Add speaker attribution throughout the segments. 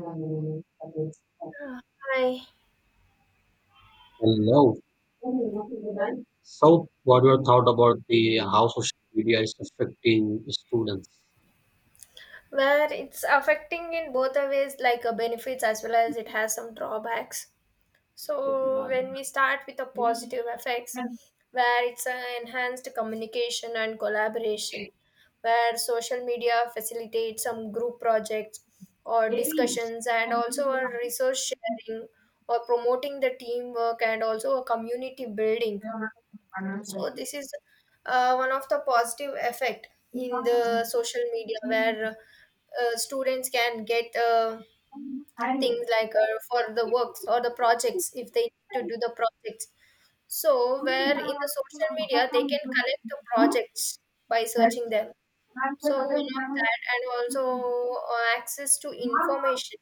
Speaker 1: Hello.
Speaker 2: Hi.
Speaker 1: So, what your thought about the how social media is affecting students?
Speaker 2: Where it's affecting in both the ways, like benefits as well as it has some drawbacks. So when we start with the positive effects, where it's enhanced communication and collaboration, where social media facilitates some group projects or discussions, and also a resource sharing or promoting the teamwork and also a community building. So this is one of the positive effect in the social media where students can get things like for the works or the projects if they need to do the projects. So where in the social media they can collect the projects by searching them. So one of that and also access to information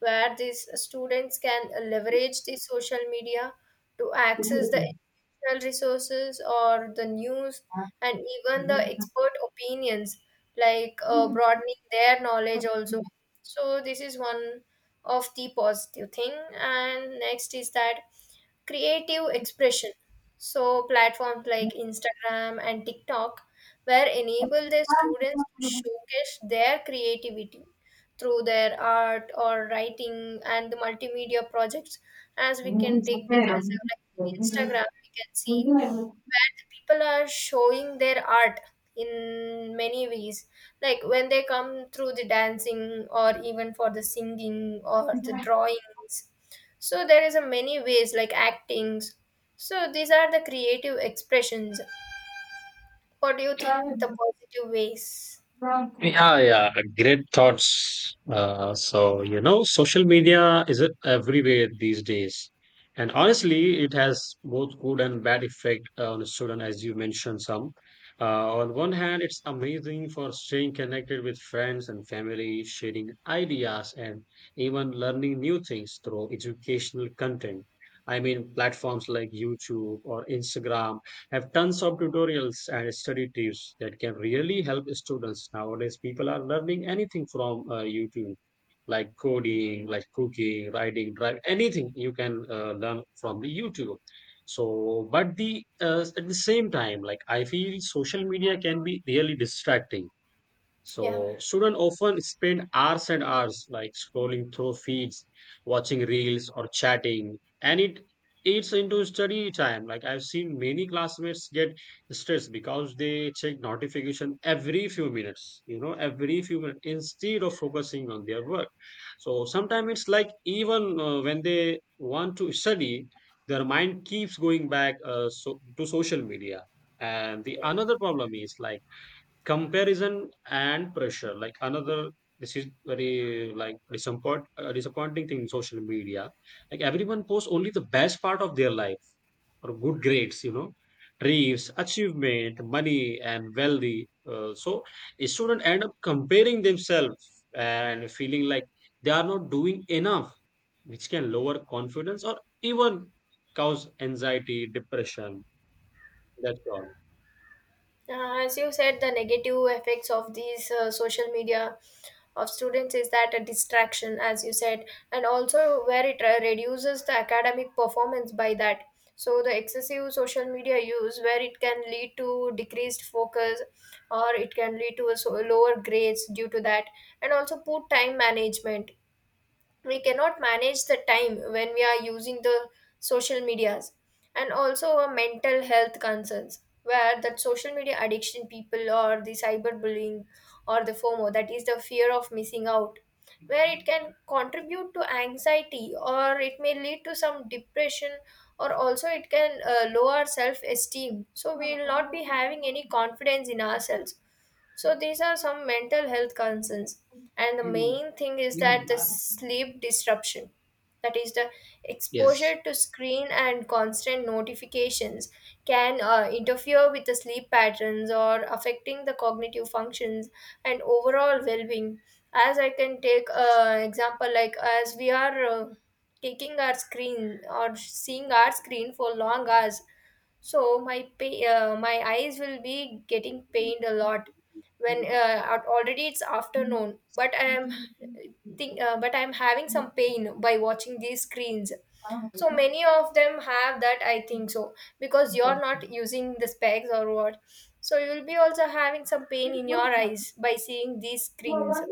Speaker 2: where these students can leverage the social media to access the traditional resources or the news and even the expert opinions like broadening their knowledge also. So this is one of the positive thing and next is that creative expression. So, platforms like Instagram and TikTok were enable their students to showcase their creativity through their art or writing and the multimedia projects. As we
Speaker 1: Mh,
Speaker 2: can take this
Speaker 1: sapere.
Speaker 2: as a like Instagram, we can
Speaker 1: Non
Speaker 2: see
Speaker 1: sapere.
Speaker 2: where the people are showing their art in many ways, like when they come through the dancing or even for the singing or the drawings. So there is a many ways like actings. So these are the creative expressions. What do you think the positive ways?
Speaker 1: Yeah, yeah, great thoughts. Social media is it everywhere these days. And honestly, it has both good and bad effect on a student, as you mentioned some. On one hand, it's amazing for staying connected with friends and family, sharing ideas, and even learning new things through educational content. I mean, platforms like YouTube or Instagram have tons of tutorials and study tips that can really help students. Nowadays, people are learning anything from YouTube, like coding, like cooking, writing, drive, anything you can learn from the YouTube. So, but the at the same time, like I feel social media can be really distracting,
Speaker 2: Yeah,
Speaker 1: so students often spend hours and hours like scrolling through feeds, watching reels or chatting, and it eats into study time. Like I've seen many classmates get stressed because they check notification every few minutes, every few minutes instead of focusing on their work. So sometimes it's like even when they want to study, their mind keeps going back to social media. And the
Speaker 2: yeah.
Speaker 1: another problem is like comparison and pressure, like another, this is very like disappointing thing in social media. Like everyone posts only the best part of their life or good grades, you know, dreams, achievement, money, and wealthy. So a student end up comparing themselves and feeling like they are not doing enough, which can lower confidence or even cause anxiety, depression. That's all.
Speaker 2: As you said, the negative effects of these social media of students is that a distraction, as you said, and also where it reduces the academic performance by that. So the excessive social media use where it can lead to decreased focus, or it can lead to a, so, lower grades due to that, and also poor time management. We cannot manage the time when we are using the social medias. And also our mental health concerns, where that social media addiction people or the cyberbullying or the fomo, that is the fear of missing out, where it can contribute to anxiety or it may lead to some depression, or also it can lower self esteem, so we will not be having any confidence in ourselves. So these are some mental health concerns. And the main thing is that the sleep disruption, that is the
Speaker 1: Yes.
Speaker 2: exposure to screen and constant notifications can interfere with the sleep patterns or affecting the cognitive functions and overall well-being. As I can take an example, like as we are taking our screen or seeing our screen for long hours, so my eyes will be getting pained a lot. When already it's afternoon but I am think but I'm having some pain by watching these screens. So many of them have that I think, so because you're not using the specs or what. So you'll be also having some pain in your eyes by seeing these screens,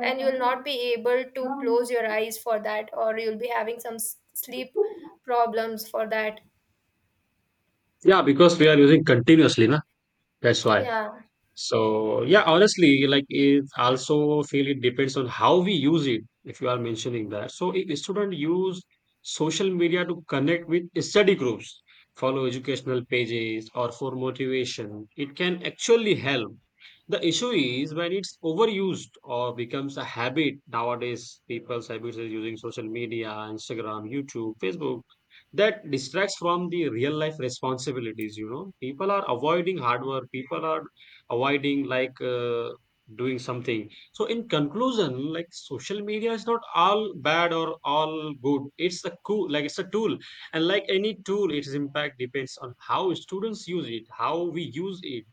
Speaker 2: and you'll not be able to close your eyes for that, or you'll be having some sleep problems for that.
Speaker 1: Yeah, because we are using continuously, na? That's why.
Speaker 2: Yeah.
Speaker 1: So yeah, honestly, like it also feel it depends on how we use it, if you are mentioning that. So if students use social media to connect with study groups, follow educational pages, or for motivation, it can actually help. The issue is when it's overused or becomes a habit. Nowadays, people's habits is using social media, Instagram, YouTube, Facebook. That distracts from the real life responsibilities, you know. People are avoiding hard work. People are avoiding doing something. So in conclusion, like, social media is not all bad or all good, it's a cool, like, it's a tool, and like any tool, its impact depends on how students use it, how we use it.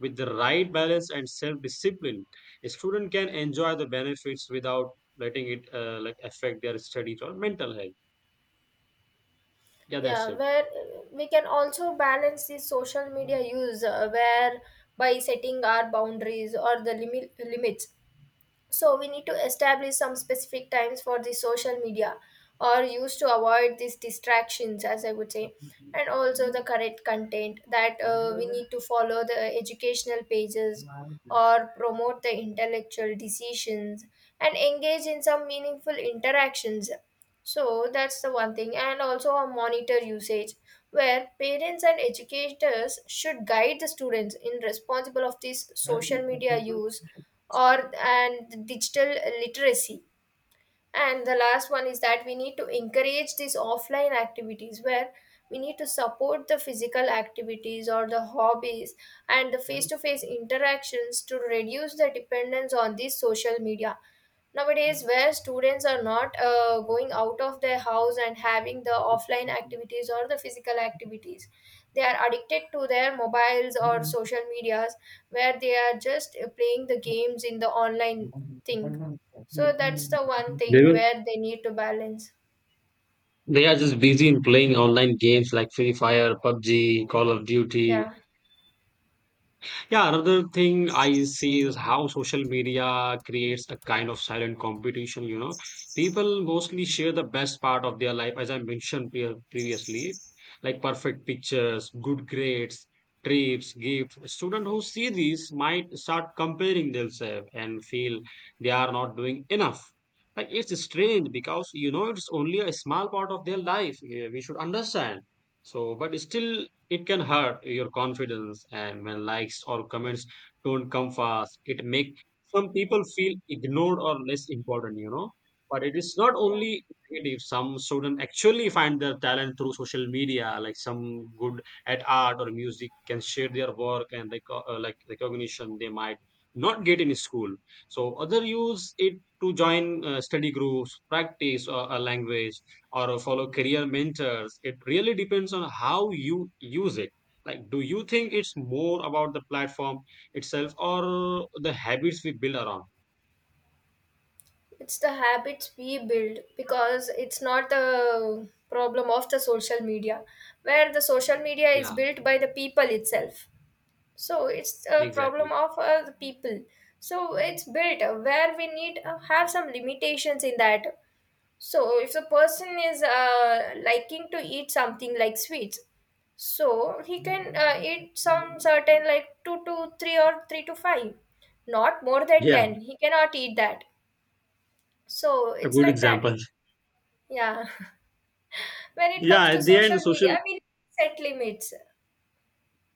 Speaker 1: With the right balance and self discipline, a student can enjoy the benefits without letting it like affect their studies or mental health. Yeah, that's
Speaker 2: Yeah,
Speaker 1: it.
Speaker 2: where we can also balance the social media use, where by setting our boundaries or the limits. So we need to establish some specific times for the social media or use to avoid these distractions, as I would say. And also the correct content, that we need to follow the educational pages or promote the intellectual decisions and engage in some meaningful interactions. So that's the one thing, and also a monitor usage where parents and educators should guide the students in responsible of this social media use or and digital literacy. And the last one is that we need to encourage these offline activities, where we need to support the physical activities or the hobbies and the face to face interactions to reduce the dependence on these social media. Nowadays, where students are not going out of their house and having the offline activities or the physical activities, they are addicted to their mobiles or social medias, where they are just playing the games in the online thing. So that's the one
Speaker 1: Do
Speaker 2: thing
Speaker 1: you?
Speaker 2: where they need to balance.
Speaker 1: They are just busy in playing online games like Free Fire, PUBG, Call of Duty.
Speaker 2: Yeah.
Speaker 1: Yeah, another thing I see is how social media creates a kind of silent competition, you know. People mostly share the best part of their life, as I mentioned previously, like perfect pictures, good grades, trips, gifts. Students who see these might start comparing themselves and feel they are not doing enough. Like it's strange because you know it's only a small part of their life. Eh, we should understand. So, but still it can hurt your confidence, and when likes or comments don't come fast, it make some people feel ignored or less important, you know. But it is not
Speaker 2: Yeah,
Speaker 1: only negative. Some students actually find their talent through social media. Like some good at art or music can share their work and like recognition they might not get in school. So other use it to join study groups, practice a language, or follow career mentors. It really depends on how you use it. Like, do you think it's more about the platform itself or the habits we build around?
Speaker 2: it's the habits we build, because it's not the problem of the social media, where the social media is
Speaker 1: Yeah,
Speaker 2: built by the people itself. So it's a problem
Speaker 1: exactly.
Speaker 2: of the people. So it's built, where we need have some limitations in that. So if the person is liking to eat something like sweets, so he can eat some certain, like 2 to 3 or 3 to 5, not more than
Speaker 1: Yeah,
Speaker 2: 10 he cannot eat that. So
Speaker 1: a
Speaker 2: it's
Speaker 1: good
Speaker 2: like that.
Speaker 1: example.
Speaker 2: Yeah. When it comes
Speaker 1: Yeah,
Speaker 2: to
Speaker 1: at the
Speaker 2: social
Speaker 1: end, social.
Speaker 2: media, we set limits.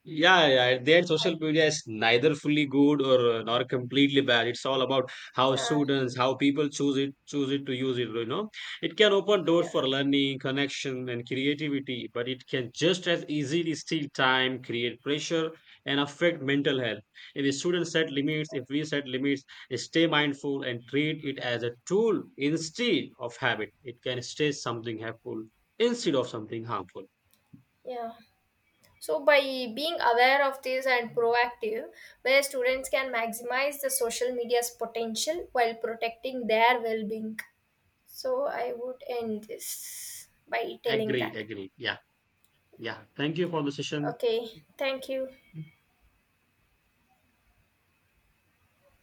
Speaker 1: Yeah, yeah. At social media is neither fully good or nor completely bad. It's all about how
Speaker 2: Uh,
Speaker 1: students, how people choose it to use it. You know, it can open doors
Speaker 2: yeah.
Speaker 1: for learning, connection, and creativity, but it can just as easily steal time, create pressure, and affect mental health. If a student set limits, if we set limits, stay mindful and treat it as a tool instead of habit. It can stay something helpful instead of something harmful.
Speaker 2: Yeah, so by being aware of this and proactive, where students can maximize the social media's potential while protecting their well being. So, I would end this by telling
Speaker 1: Agreed,
Speaker 2: that.
Speaker 1: agreed. Yeah. Yeah, thank you for the session.
Speaker 2: Okay, thank you.